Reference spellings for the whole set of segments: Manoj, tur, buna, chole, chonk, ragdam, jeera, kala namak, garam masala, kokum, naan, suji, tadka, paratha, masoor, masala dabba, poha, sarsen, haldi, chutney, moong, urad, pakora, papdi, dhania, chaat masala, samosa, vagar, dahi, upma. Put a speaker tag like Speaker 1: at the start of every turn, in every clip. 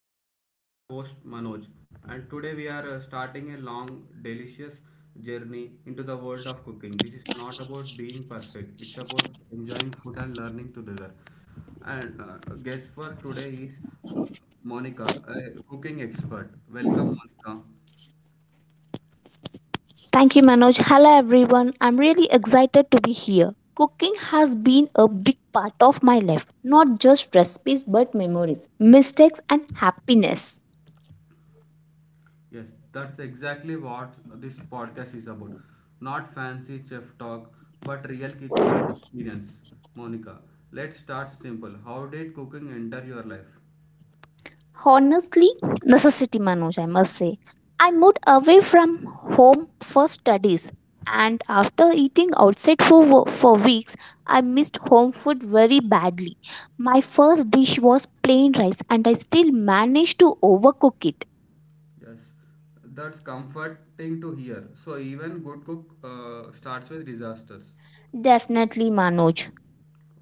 Speaker 1: podcast. I'm your host Manoj, and today we are starting a long, delicious journey into the world of cooking. This is not about being perfect, it's about enjoying food and learning together. And guest for today is uh, Monica, a cooking expert. Welcome, Monica.
Speaker 2: Thank you, Manoj. Hello, everyone. I'm really excited to be here. Cooking has been a big part of my life, not just recipes, but memories, mistakes, and happiness.
Speaker 1: Yes, that's exactly what this podcast is about. Not fancy chef talk, but real kitchen experience. Monica, let's start simple. How did cooking enter your life?
Speaker 2: Honestly, necessity, Manoj, I must say. I moved away from home for studies, and after eating outside for weeks, I missed home food very badly. My first dish was plain rice, and I still managed to overcook it.
Speaker 1: Yes, that's comforting to hear. So even good cook starts with disasters.
Speaker 2: Definitely, Manoj.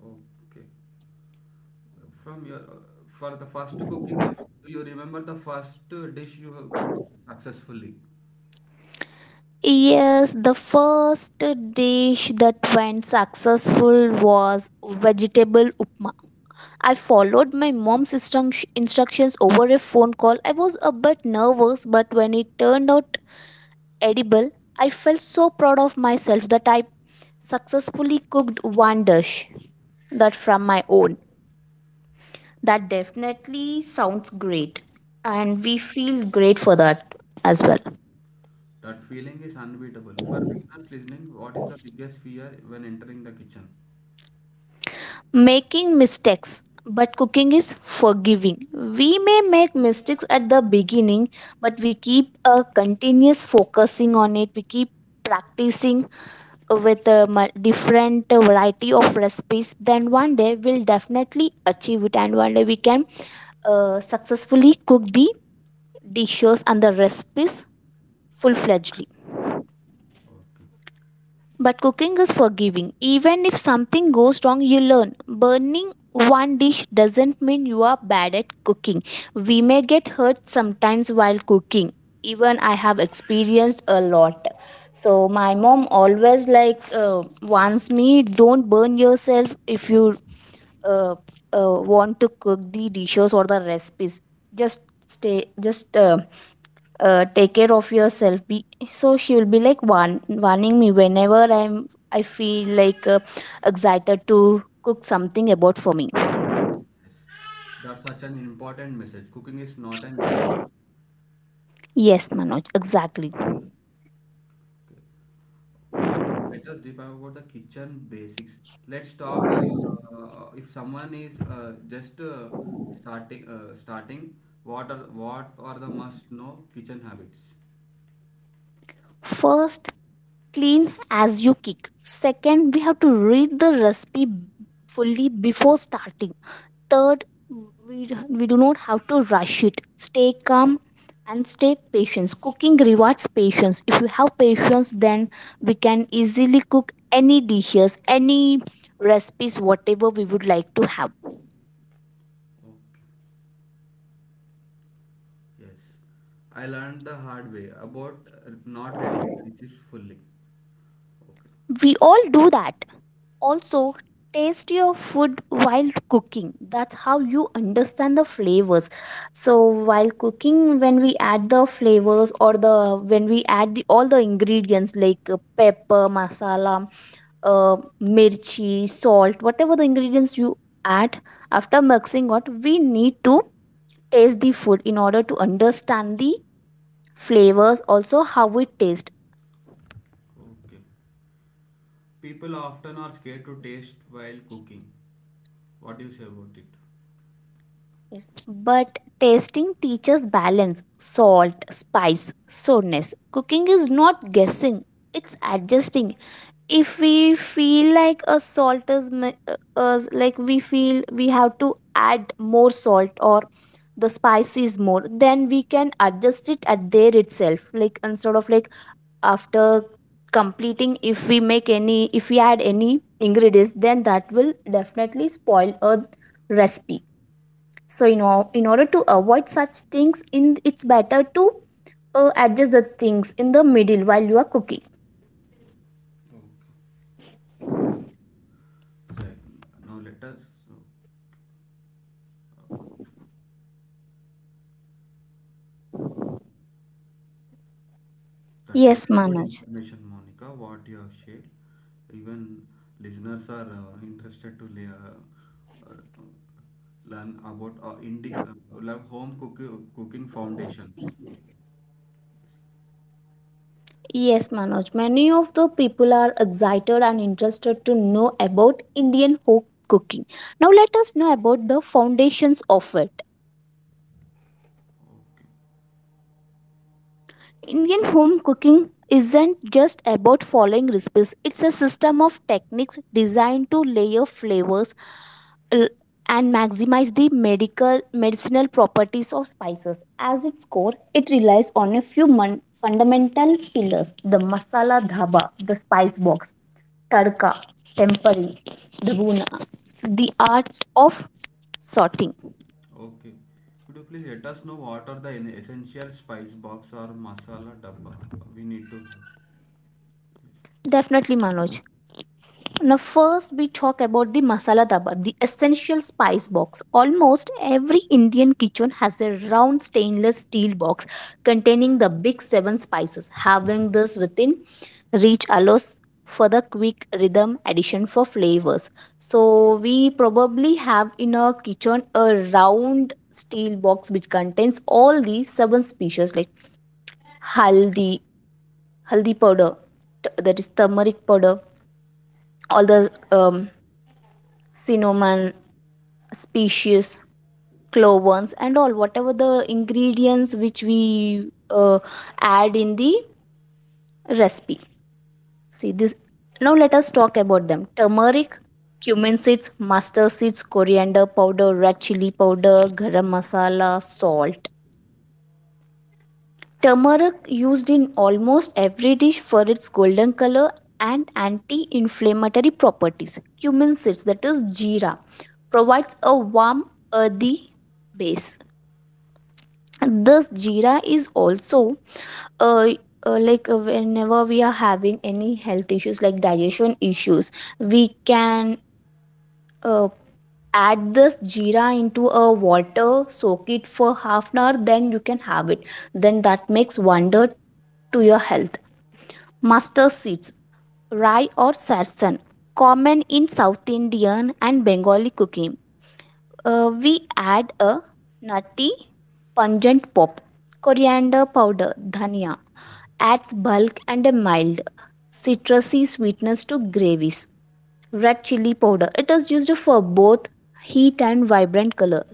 Speaker 1: Okay. From your for the first cooking, do you remember the first dish you have cooked successfully?
Speaker 2: Yes, the first dish that went successful was vegetable upma. I followed my mom's instructions over a phone call. I was a bit nervous, but when it turned out edible, I felt so proud of myself that I successfully cooked one dish that from my own. That definitely sounds great, and we feel great for that as well.
Speaker 1: That feeling is unbeatable. For beginners listening, what is the biggest fear when entering the kitchen?
Speaker 2: Making mistakes, but cooking is forgiving. We may make mistakes at the beginning, but we keep a continuous focusing on it. We keep practicing with a different variety of recipes, then one day we'll definitely achieve it, and one day we can successfully cook the dishes and the recipes full-fledgedly.
Speaker 1: Okay,
Speaker 2: But cooking is forgiving. Even if something goes wrong, you learn. Burning one dish doesn't mean you are bad at cooking. We may get hurt sometimes while cooking. Even I have experienced a lot. So my mom always like warns me, don't burn yourself if you uh, want to cook the dishes or the recipes. Just take care of yourself, be so she will be like warning me whenever I feel like excited to cook something about for me.
Speaker 1: yes. That's such an important message. Cooking is not an exam.
Speaker 2: Yes, Manoj, exactly.
Speaker 1: Okay, okay. Let us deep dive about the kitchen basics. Let's talk. If someone is just starting, what are the must know kitchen habits?
Speaker 2: First, clean as you kick. Second, we have to read the recipe fully before starting. Third, we do not have to rush it. Stay calm and stay patient. Cooking rewards patience. If you have patience, then we can easily cook any dishes, any recipes, whatever we would like to have.
Speaker 1: Oh, yes. I learned the hard way about not reading recipes fully. Okay.
Speaker 2: We all do that. Also, taste your food while cooking. That's how you understand the flavors. So while cooking, when we add the flavors or the when we add the all the ingredients like pepper, masala, mirchi, salt, whatever the ingredients you add, after mixing what we need to taste the food in order to understand the flavors, also how it tastes.
Speaker 1: Okay. People often are scared to taste while cooking. What do you say about it?
Speaker 2: Yes. But tasting teaches balance, salt, spice, sourness. Cooking is not guessing, it's adjusting. If we feel like a salt is like we feel we have to add more salt, or the spice is more, then we can adjust it at there itself, like instead of like after completing, if we make any, if we add any ingredients, then that will definitely spoil a recipe. So you know, in order to avoid such things in, it's better to adjust the things in the middle while you are cooking.
Speaker 1: Okay. So, now let us. So that's a
Speaker 2: Yes,
Speaker 1: very good
Speaker 2: Manoj.
Speaker 1: information, Monica. What you have shared. Even listeners are interested to learn about love home cooking cooking foundations.
Speaker 2: Yes, Manoj. Many of the people are excited and interested to know about Indian folk cooking. Now, let us know about the foundations of it.
Speaker 1: Okay.
Speaker 2: Indian home cooking isn't just about following recipes, it's a system of techniques designed to layer flavors l- and maximize the medical medicinal properties of spices. As its core, it relies on a few fundamental pillars: the masala dhaba, the spice box, tadka, tempering, the the art of sorting.
Speaker 1: Okay. Could you please let us know what are the essential spice box or masala dabba we need to have? Please.
Speaker 2: Definitely, Manoj. Now, first, we talk about the masala daba, the essential spice box. Almost every Indian kitchen has a round stainless steel box containing the big seven spices. Having this within reach allows for the quick rhythm addition for flavors. So, we probably have in our kitchen a round steel box which contains all these seven species like haldi, haldi powder, that is turmeric powder, all the cinnamon species, clovens and all, whatever the ingredients which we add in the recipe. See this. Now let us talk about them: turmeric, cumin seeds, mustard seeds, coriander powder, red chili powder, garam masala, salt. Turmeric, used in almost every dish for its golden color and anti-inflammatory properties. Cumin seeds, that is jeera, provides a warm, earthy base. This jeera is also uh, whenever we are having any health issues like digestion issues, we can uh, add this jeera into a water, soak it for half an hour, then you can have it, then that makes wonder to your health. Mustard seeds, rye or sarsen, common in South Indian and Bengali cooking. We add a nutty, pungent pop. Coriander powder, dhania, adds bulk and a mild citrusy sweetness to gravies. Red chili powder. It is used for both heat and vibrant color.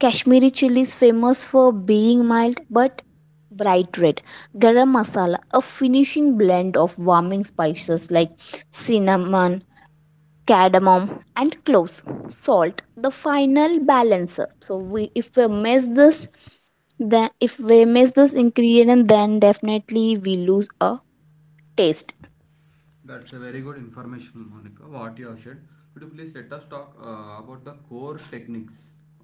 Speaker 2: Kashmiri chili is famous for being mild but bright red. Garam masala, a finishing blend of warming spices like cinnamon, cardamom and cloves. Salt, the final balancer. So we, if we miss this, then if we miss this ingredient, then definitely we lose a taste.
Speaker 1: That's a very good information, Monica. What you have shared. Could you please let us talk about the core techniques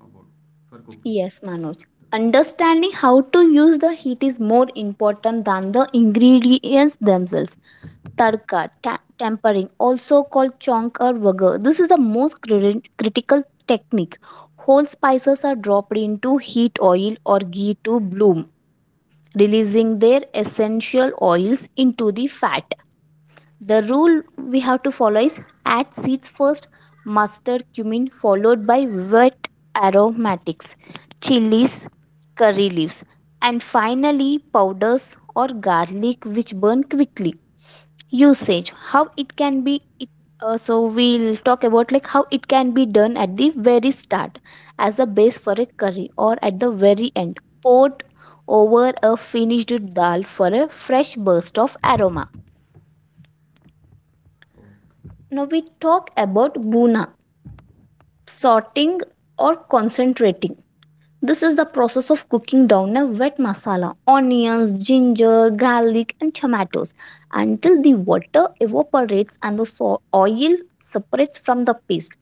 Speaker 1: about for cooking?
Speaker 2: Yes, Manoj. Understanding how to use the heat is more important than the ingredients themselves. Tadka, tempering, also called chonk or vagar. This is the most critical technique. Whole spices are dropped into heat oil or ghee to bloom, releasing their essential oils into the fat. The rule we have to follow is add seeds first, mustard, cumin, followed by wet aromatics, chilies, curry leaves, and finally powders or garlic which burn quickly. Usage how it can be it, so we'll talk about like how it can be done at the very start as a base for a curry, or at the very end poured over a finished dal for a fresh burst of aroma.
Speaker 1: Okay.
Speaker 2: Now we talk about buna, sorting or concentrating. This is the process of cooking down a wet masala, onions, ginger, garlic, and tomatoes until the water evaporates and the oil separates from the paste.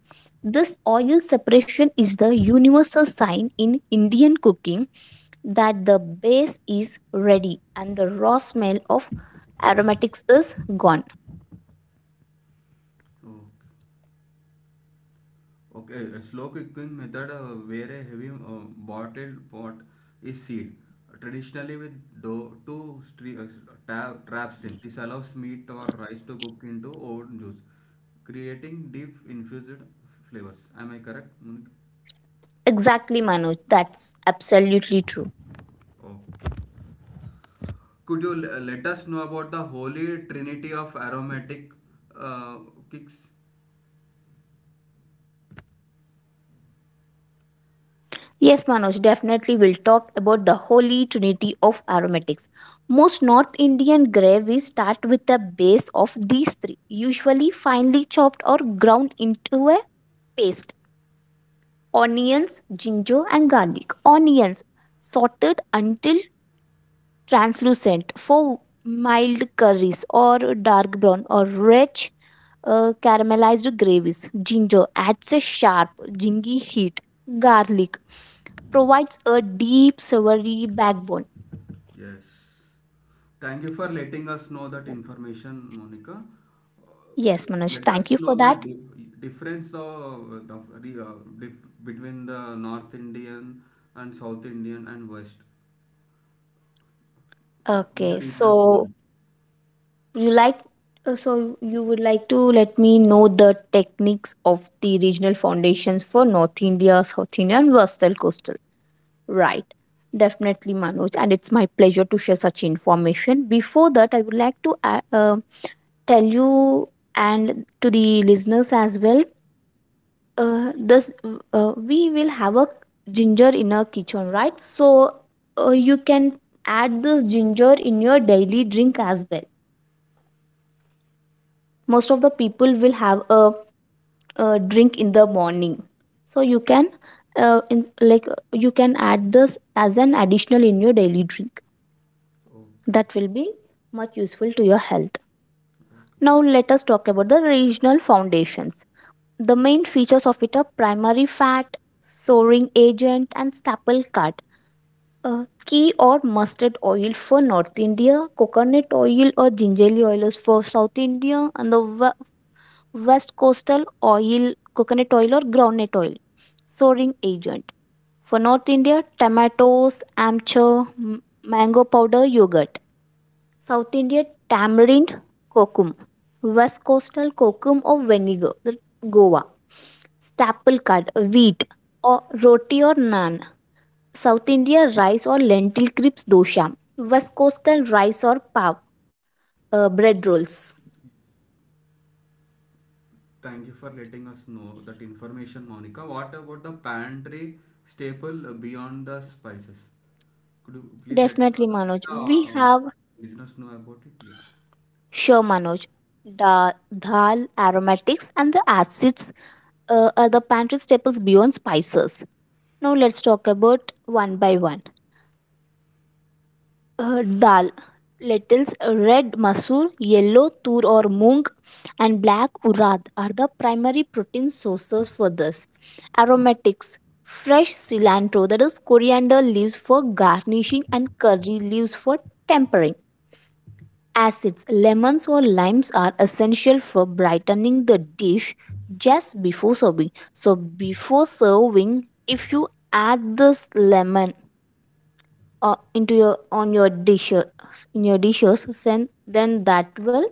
Speaker 2: This oil separation is the universal sign in Indian cooking that the base is ready and the raw smell of aromatics is gone.
Speaker 1: Okay. Okay. A slow cooking method where a heavy bottled pot is sealed, traditionally with dough to trap steam. This allows meat or rice to cook into own juice, creating deep infused flavors. Am I correct, Monica?
Speaker 2: Exactly, Manoj. That's absolutely true.
Speaker 1: Okay. Could you let us know about the holy trinity of aromatic uh, kicks?
Speaker 2: Yes, Manoj, definitely we'll talk about the holy trinity of aromatics. Most North Indian gravies start with the base of these three, usually finely chopped or ground into a paste. Onions, ginger, and garlic. Onions sorted until translucent for mild curries, or dark brown or rich caramelized gravies. Ginger adds a sharp, zingy heat. Garlic provides a deep silvery backbone.
Speaker 1: Yes. Thank you for letting us know that information, Monica.
Speaker 2: Yes, Manoj,
Speaker 1: Let
Speaker 2: thank
Speaker 1: us
Speaker 2: you for
Speaker 1: know the
Speaker 2: that.
Speaker 1: difference of the between the North Indian and South Indian and West in the
Speaker 2: Okay,
Speaker 1: regional
Speaker 2: so
Speaker 1: cuisine.
Speaker 2: you like so you would like to let me know the techniques of the regional foundations for North India, South India, and Western Coastal. Right. Definitely, Manoj, and it's my pleasure to share such information. Before that, I would like to tell you and to the listeners as well, this we will have a ginger in our kitchen, right? So you can add this ginger in your daily drink as well. Most of the people will have a drink in the morning, so you can in, like you can add this as an additional in your daily drink,
Speaker 1: Okay,
Speaker 2: that will be much useful to your health.
Speaker 1: okay.
Speaker 2: Now let us talk about the regional foundations. The main features of it are primary fat, soaring agent, and staple carb. Uh, Ghee or mustard oil for North India, coconut oil or gingerly oil is for South India, and the West Coastal oil, coconut oil or groundnut oil. Soaring agent. For North India, tomatoes, amchur, mango powder, yogurt. South India, tamarind, kokum. West Coastal, kokum or vinegar, the Goa. Staple card, wheat, or roti or naan. South India rice or lentil crisp dosha. West coastal rice or pav, bread rolls.
Speaker 1: Thank you for letting us know that information, Monica. What about the pantry staple beyond the spices? Could you please
Speaker 2: Definitely,
Speaker 1: let
Speaker 2: Manoj.
Speaker 1: the
Speaker 2: We have
Speaker 1: listeners know about it? Yes.
Speaker 2: sure, Manoj. Dal, aromatics, and the acids are the pantry staples beyond spices. Now let's talk about one by one. Dal, lentils, red masoor, yellow tur or moong, and black urad are the primary protein sources. For this, aromatics, fresh cilantro, that is coriander leaves for garnishing, and curry leaves for tempering. Acids, lemons or limes are essential for brightening the dish just before serving. So before serving, if you add this lemon into your on your dishes, in your dishes, then that will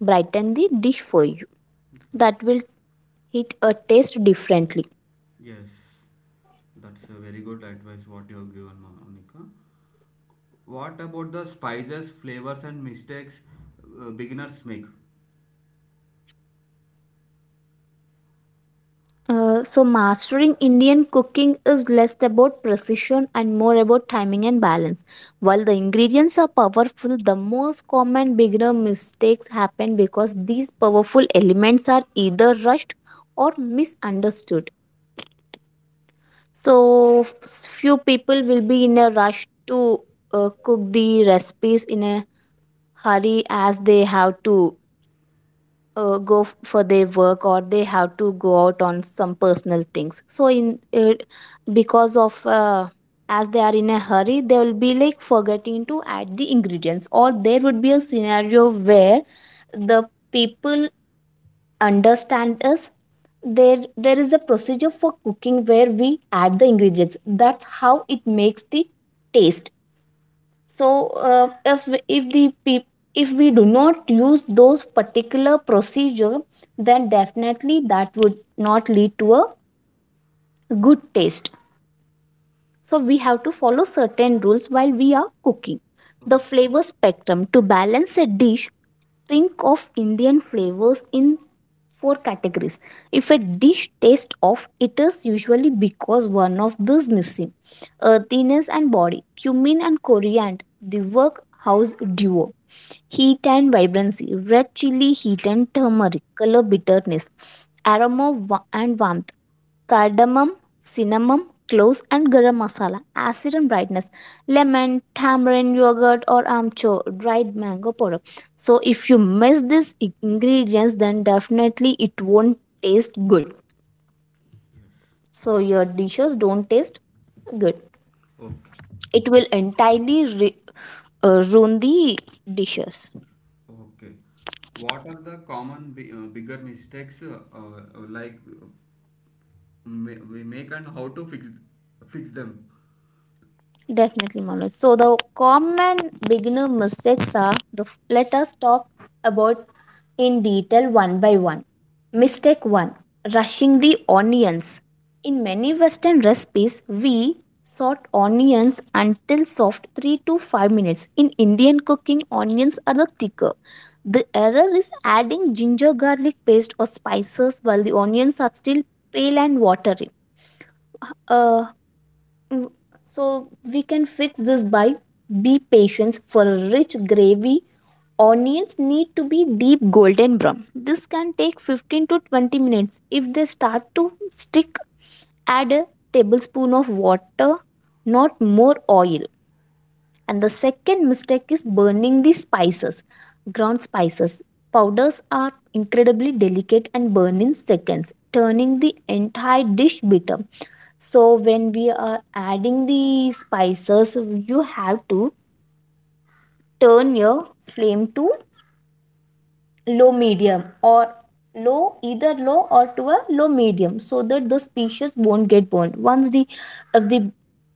Speaker 2: brighten the dish for you,
Speaker 1: Okay.
Speaker 2: that will hit a taste differently.
Speaker 1: Yes. Yes, that's a very good advice what you have given, Monica. What about the spices, flavors, and mistakes beginners make?
Speaker 2: So mastering Indian cooking is less about precision and more about timing and balance. While the ingredients are powerful, the most common beginner mistakes happen because these powerful elements are either rushed or misunderstood. So few people will be in a rush to cook the recipes in a hurry, as they have to go for their work, or they have to go out on some personal things. So in because of as they are in a hurry, they will be like forgetting to add the ingredients, or there would be a scenario where the people understand us there is a procedure for cooking where we add the ingredients. That's how it makes the taste. So if if we do not use those particular procedure, then definitely that would not lead to a good taste. So we have to follow certain rules while we are cooking.
Speaker 1: Oh,
Speaker 2: The flavor spectrum to balance a dish: think of Indian flavors in four categories. If a dish tastes off, it is usually because one of these missing: earthiness and body, cumin and coriander, the workhouse duo; heat and vibrancy, red chili heat and turmeric, color bitterness; aroma and warmth, cardamom, cinnamon, cloves and garam masala; acid and brightness, lemon, tamarind, yogurt or amchur, dried mango powder. So if you miss these ingredients, then definitely it won't taste good. So your dishes don't taste good.
Speaker 1: Okay.
Speaker 2: It will entirely ruin the dishes.
Speaker 1: Okay. What are the common bigger mistakes we make and how to fix them?
Speaker 2: Definitely, Manoj. So the common beginner mistakes are the, let us talk about in detail one by one. Mistake one: rushing the onions. In many Western recipes, we sort onions until soft 3 to 5 minutes. In Indian cooking, onions are the thicker. The error is adding ginger garlic paste or spices while the onions are still pale and watery. Uh, W- So we can fix this by be patient for a rich gravy. Onions need to be deep golden brown. This can take 15 to 20 minutes. If they start to stick, add a tablespoon of water, not more oil. And the second mistake is burning the spices. Ground spices powders are incredibly delicate and burn in seconds, turning the entire dish bitter. So when we are adding the spices, you have to turn your flame to low medium or low, either low or to a low medium, so that the species won't get burned. Once the if the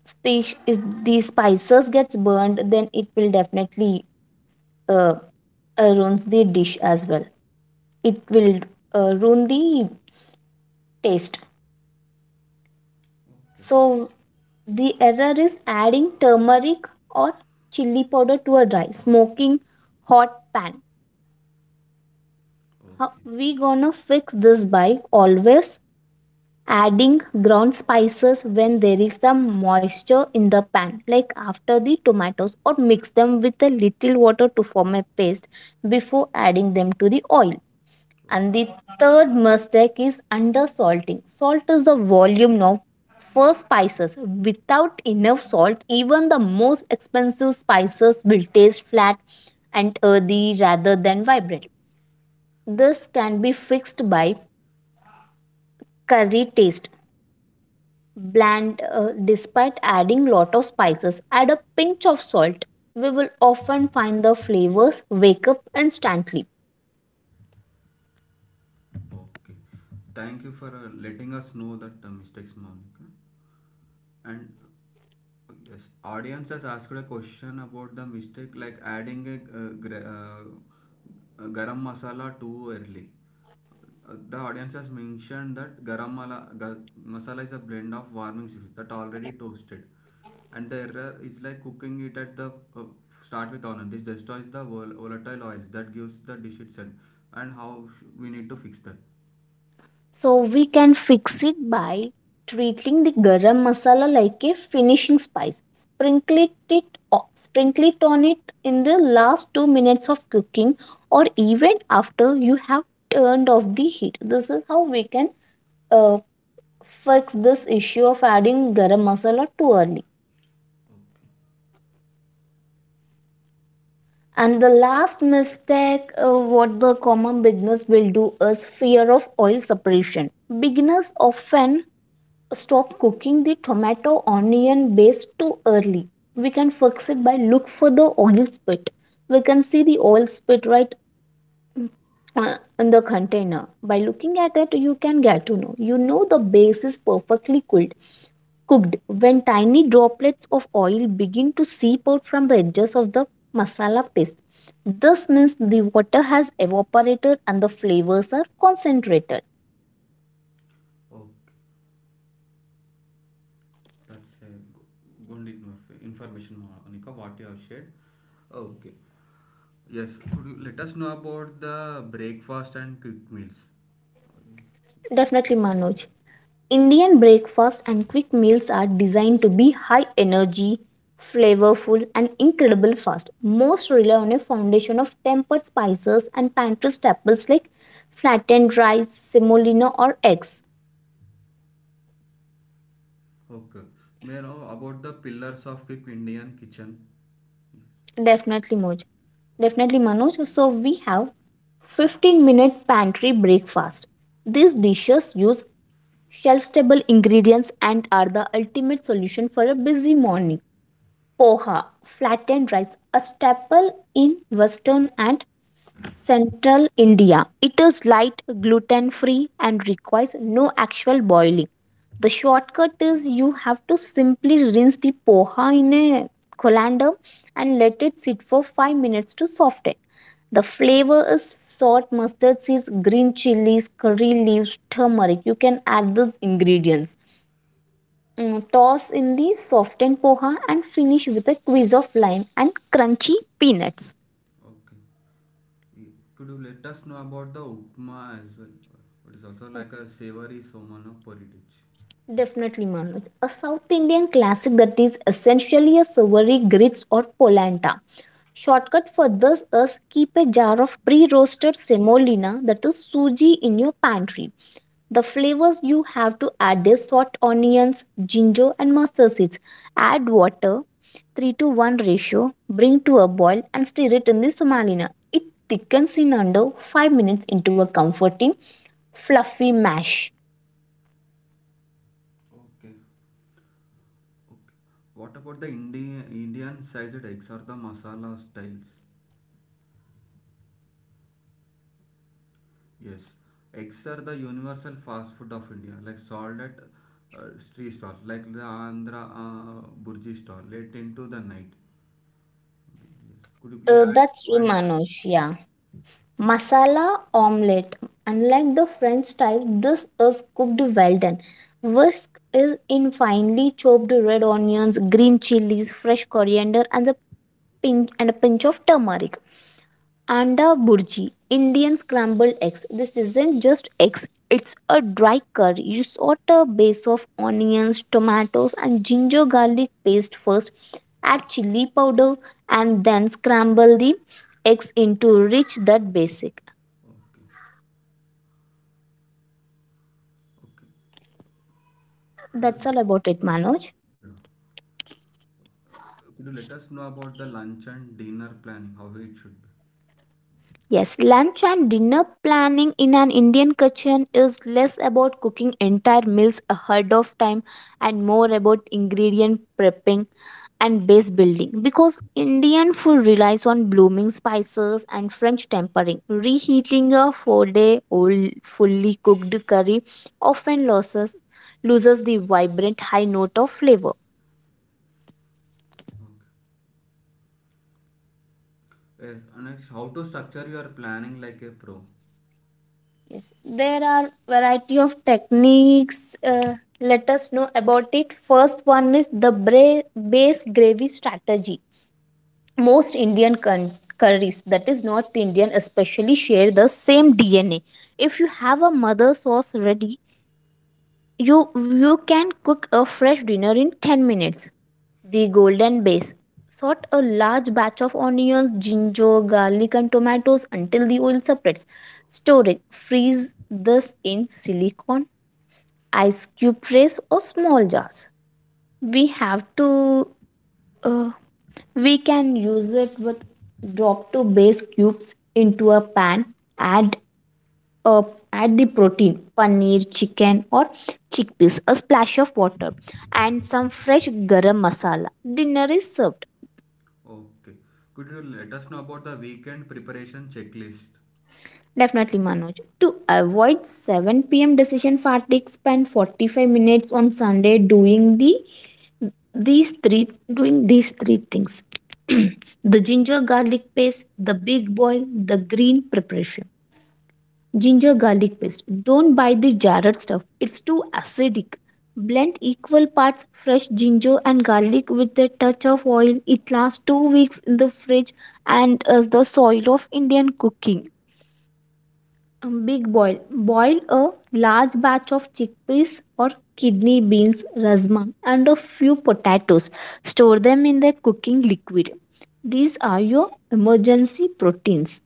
Speaker 2: species if the spices gets burned, then it will definitely uh, ruins the dish as well. It will ruin the taste.
Speaker 1: Okay.
Speaker 2: So the error is adding turmeric or chili powder to a dry, smoking hot pan. How
Speaker 1: Okay.
Speaker 2: we gonna fix this by always adding ground spices when there is some moisture in the pan, like after the tomatoes, or mix them with a little water to form a paste before adding them to the oil. And the third mistake is undersalting. Salt is the volume of for spices. Without enough salt, even the most expensive spices will taste flat and earthy rather than vibrant. This can be fixed by curry taste. Bland, despite adding lot of spices, add a pinch of salt. We will often find the flavors wake up instantly.
Speaker 1: Okay. Thank you for letting us know that mistakes, Monica. And yes, audience has asked a question about the mistake like adding a, garam masala too early. The audience has mentioned that garam mala, masala is a blend of warming spices that already toasted. And the error is like cooking it at the uh, start with onion. This destroys the volatile oils that gives the dish itself. And how we need to fix that.
Speaker 2: So we can fix it by treating the garam masala like a finishing spice. Sprinkle it on it in the last 2 minutes of cooking, or even after you have turned off the heat. This is how we can uh, fix this issue of adding garam masala too early. And the last mistake, what the common beginners will do, is fear of oil separation. Beginners often stop cooking the tomato onion base too early. We can fix it by look for the oil spit. We can see the oil spit right in the container. By looking at it, you can get to know. You know the base is perfectly cooled cooked when tiny droplets of oil begin to seep out from the edges of the masala paste. This means the water has evaporated and the flavors are concentrated.
Speaker 1: Okay. That's a go- good information, Anika, what you have shared. Okay. Yes. Could you let us know about the breakfast and quick meals?
Speaker 2: Definitely, Manoj. Indian breakfast and quick meals are designed to be high energy, flavorful, and incredible fast. Most rely on a foundation of tempered spices and pantry staples like flattened rice, semolina, or eggs.
Speaker 1: Okay. May I know about the pillars of quick Indian kitchen?
Speaker 2: Definitely, Moj. Definitely, Manoj. So we have 15-minute pantry breakfast. These dishes use shelf stable ingredients and are the ultimate solution for a busy morning. Poha, flattened rice, a staple in western and central India. It is light, gluten free, and requires no actual boiling. The shortcut is you have to simply rinse the poha in a colander and let it sit for 5 minutes to soften. The flavor is salt, mustard seeds, green chilies, curry leaves, turmeric. You can add these ingredients. Toss in the softened poha and finish with a quiz of lime and crunchy peanuts.
Speaker 1: Okay. Y- Could you let us know about the upma as well? It is also like a savory somana porridge.
Speaker 2: Definitely, Manoj. A South Indian classic that is essentially a savory grits or polenta. Shortcut for this is keep a jar of pre-roasted semolina that is suji in your pantry. The flavors you have to add is salt, onions, ginger, and mustard seeds. Add water, 3 to 1 ratio, bring to a boil, and stir it in the semolina. It thickens in under 5 minutes into a comforting, fluffy mash.
Speaker 1: Okay. Okay. What about the Indian sized eggs or the masala styles? Yes, eggs are the universal fast food of India, like sold at street stalls, like the Andhra Burji stall, late into the night. Yes. Could you please add
Speaker 2: That's
Speaker 1: a
Speaker 2: true,
Speaker 1: point to
Speaker 2: Manoj.
Speaker 1: this?
Speaker 2: Yeah. Masala omelette. Unlike the French style, this is cooked well done. Whisk is in finely chopped red onions, green chilies, fresh coriander, and a pinch of turmeric. Anda Burji, Indian scrambled eggs. This isn't just eggs, it's a dry curry. You sort a base of onions, tomatoes, and ginger garlic paste first, add chili powder, and then scramble the eggs into rich that basic.
Speaker 1: Okay, okay. Could you
Speaker 2: That's
Speaker 1: let,
Speaker 2: all about it, Manoj.
Speaker 1: yeah. Uh, could you let us know about the lunch and dinner planning, how it should be?
Speaker 2: Yes, lunch and dinner planning in an Indian kitchen is less about cooking entire meals ahead of time and more about ingredient prepping and base building, because Indian food relies on blooming spices and French tempering. Reheating a 4 day old fully cooked curry often loses the vibrant high note of flavor.
Speaker 1: Okay. Yes, and next, how to structure your planning like a pro.
Speaker 2: Yes, there are variety of techniques. Let us know about it. First one is the base gravy strategy. Most Indian curries, that is North Indian, especially share the same DNA. If you have a mother sauce ready, You you can cook a fresh dinner in 10 minutes. The golden base. Sort a large batch of onions, ginger, garlic and tomatoes until the oil separates. Storage: freeze this in silicone ice cube trays or small jars. We have to uh, we can use it with drop to base cubes into a pan, add up at the protein paneer chicken or chickpeas, a splash of water and some fresh garam masala. Dinner is served.
Speaker 1: Okay. Could you let us know about the weekend preparation checklist?
Speaker 2: Definitely, Manoj. To avoid 7 p.m decision fatigue, spend 45 minutes on Sunday doing these three these three things. The ginger garlic paste, the big boil, the green preparation. Ginger garlic paste: don't buy the jarred stuff, it's too acidic. Blend equal parts fresh ginger and garlic with a touch of oil. It lasts 2 weeks in the fridge and is the soil of Indian cooking. A big boil. Boil a large batch of chickpeas or kidney beans, rasma, and a few potatoes. Store them in the cooking liquid. These are your emergency proteins.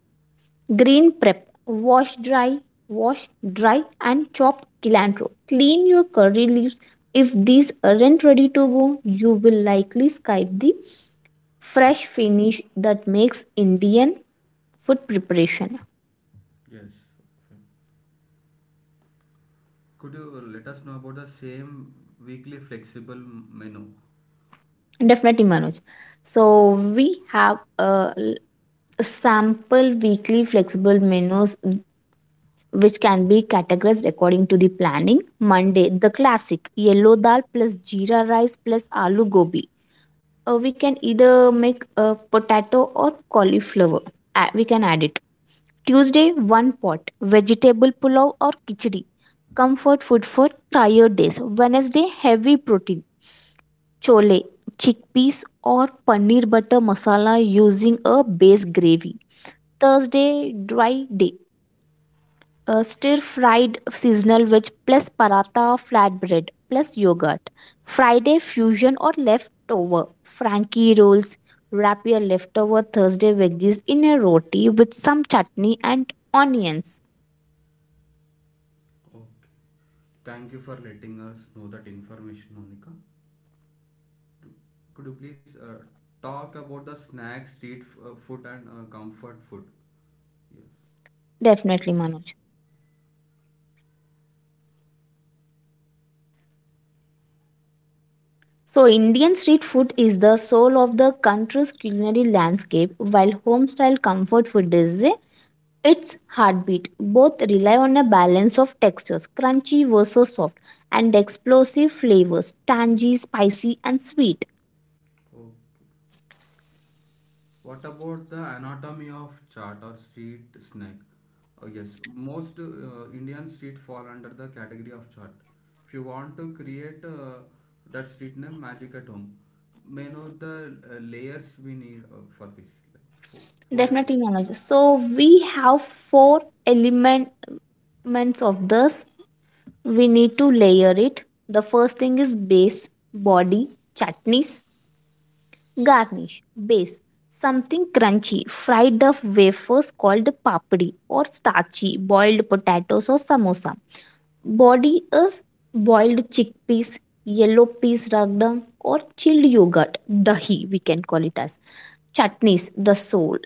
Speaker 2: Green prep. Wash dry and chop cilantro. Clean your curry leaves. If these aren't ready to go, you will likely skip the fresh finish that makes Indian food preparation.
Speaker 1: Yes. Okay. Could you let us know about the same weekly flexible menu?
Speaker 2: Definitely, Manoj. So we have a sample weekly flexible menus which can be categorized according to the planning. Monday, the classic yellow dal plus jeera rice plus aloo gobi. We can either make a potato or cauliflower. We can add it. Tuesday, one pot vegetable pulao or khichdi, comfort food for tired days. Wednesday, heavy protein, chole, chickpeas, or paneer butter masala using a base gravy. Thursday, dry day, stir fried seasonal veg plus paratha flatbread plus yogurt. Friday, fusion or leftover frankie rolls, wrap your leftover thursday veggies in a roti with some chutney and onions.
Speaker 1: Okay. Thank you for letting us know that information, Monica. Could you please talk about the snacks, street food, and comfort food? Yes.
Speaker 2: Definitely, Manoj. So Indian street food is the soul of the country's culinary landscape while home style comfort food is a, its heartbeat. Both rely on a balance of textures, crunchy versus soft, and explosive flavors, tangy, spicy, and sweet.
Speaker 1: Okay. What about the anatomy of chart or street snack? Yes, most Indian street fall under the category of chart. If you want to create that street name Magic at Home, may know the layers we need for this. Like four, four elements.
Speaker 2: Definitely knowledge. So we have four elements of this. We need to layer it. The first thing is base, body, chutneys, garnish. Base: something crunchy, fried up wafers called papdi, or starchy, boiled potatoes or samosa. Body is boiled chickpeas, yellow peas ragdam, or chilled yogurt, dahi, we can call it as. Chutneys, the soul.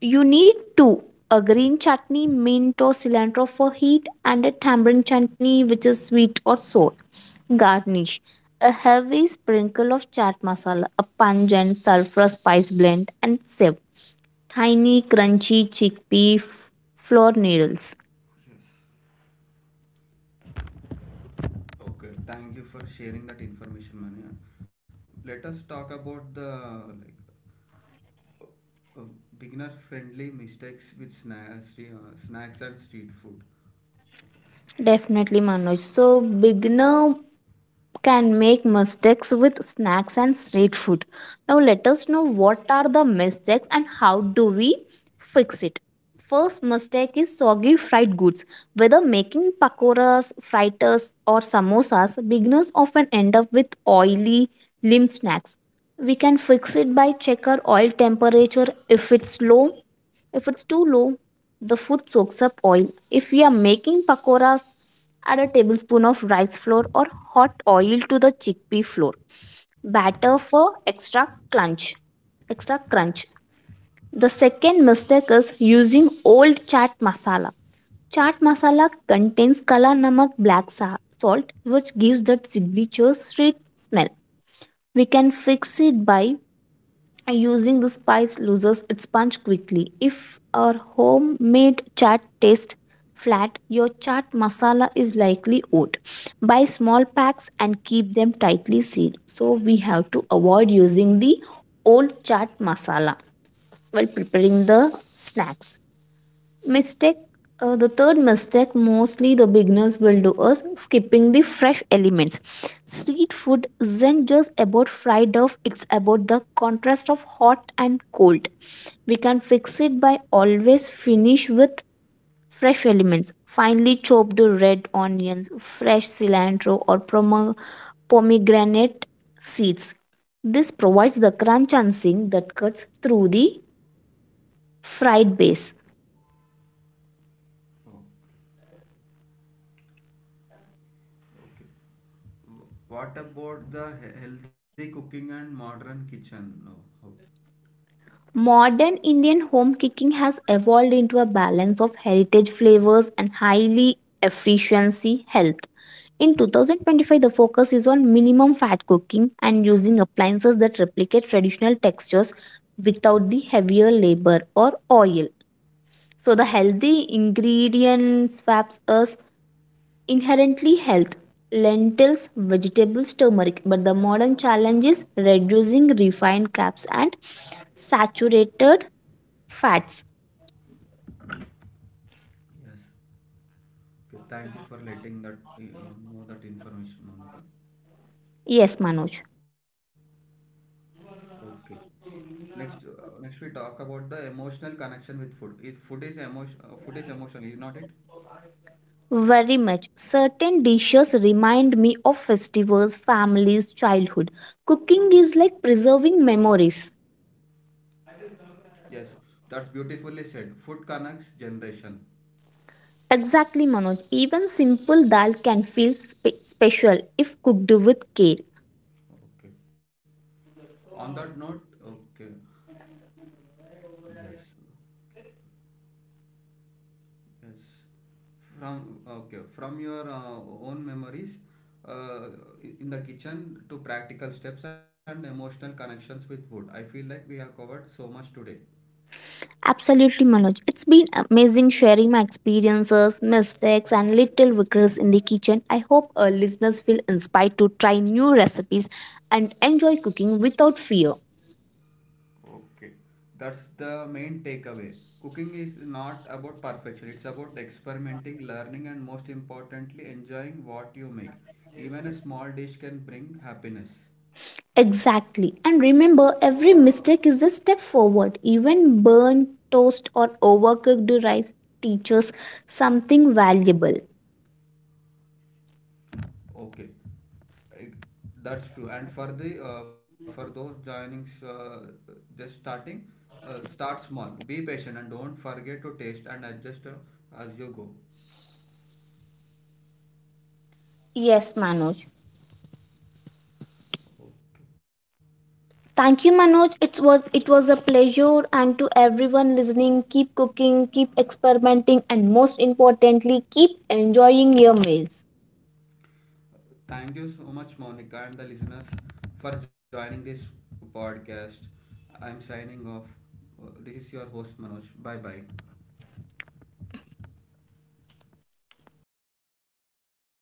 Speaker 2: You need two: a green chutney, mint or cilantro for heat, and a tamarind chutney, which is sweet or sour. Garnish: a heavy sprinkle of chaat masala, a pungent sulfur spice blend, and sieve, tiny, crunchy flour needles.
Speaker 1: Okay, thank you for sharing that information, Manu. Let us talk about the like uh, beginner friendly mistakes with snacks and street food.
Speaker 2: Definitely, Manoj. So beginner can make mistakes with snacks and street food. Now let us know what are the mistakes and how do we fix it.
Speaker 1: Oh,
Speaker 2: First mistake is soggy fried goods. Whether making pakoras, fritters, or samosas, beginners often end up with oily, limp snacks. We can fix it by checker oil temperature. If it's too low, the food soaks up oil. If we are making pakoras, add a tablespoon of rice flour or hot oil to the chickpea flour. Batter for extra crunch. Extra crunch. The second mistake is using old chaat masala. Chaat masala contains kala namak, salt, which gives that signature sweet smell. We can fix it by and using the spice loses its punch quickly. If our homemade chaat tastes flat, your chaat masala is likely oat. Buy small packs and keep them tightly sealed. So we have to avoid using the old chaat masala while preparing the snacks. Mistake, the third mistake mostly the beginners will do is skipping the fresh elements. Street food isn't just about fried dough, it's about the contrast of hot and cold. We can fix it by always finish with fresh elements. Finely chopped red onions, fresh cilantro or pomegranate seeds. This provides the crunch and zing that cuts through the fried base.
Speaker 1: oh, okay. What about the healthy cooking and modern kitchen? No. Oh,
Speaker 2: Modern Indian home cooking has evolved into a balance of heritage flavors and highly efficiency health. In 2025, the focus is on minimum fat cooking and using appliances that replicate traditional textures without the heavier labor or oil. So the healthy ingredient swaps us inherently health, lentils, vegetables, turmeric, but the modern challenge is reducing refined carbs and saturated fats.
Speaker 1: yes. Okay, thank you for letting that know that information, Monica.
Speaker 2: Yes, Manoj.
Speaker 1: Okay. Next, next we talk about the emotional connection with food. Is food is emotion? Food is emotional, is not it?
Speaker 2: Very much. Certain dishes remind me of festivals, families, childhood. Cooking is like preserving memories.
Speaker 1: Yes. That's beautifully said. Food connects generation.
Speaker 2: Exactly, Manoj. Even simple dal can feel special if cooked with care.
Speaker 1: Okay. On that note, okay. Yes. Yes. From okay, from your own memories uh, in the kitchen to practical steps and emotional connections with food. I feel like we have covered so much today.
Speaker 2: Absolutely, Manoj. It's been amazing sharing my experiences, mistakes, and little victories in the kitchen. I hope our listeners feel inspired to try new recipes and enjoy cooking without fear.
Speaker 1: Okay. That's the main takeaway. Cooking is not about perfection. It's about experimenting, learning, and most importantly, enjoying what you make. Even a small dish can bring happiness.
Speaker 2: Exactly. And remember, every mistake is a step forward. Even burnt toast or overcooked rice teaches something valuable.
Speaker 1: Okay, I- that's true. And for the for those joining just starting, start small. Be patient and don't forget to taste and adjust as you go.
Speaker 2: Yes, Manoj.
Speaker 1: Okay.
Speaker 2: Thank you, Manoj. It was a pleasure, and to everyone listening, keep cooking, keep experimenting, and most importantly, keep enjoying your meals.
Speaker 1: Thank you so much, Monica, and the listeners for joining this podcast. I'm signing off. This is your host Manoj. Bye bye.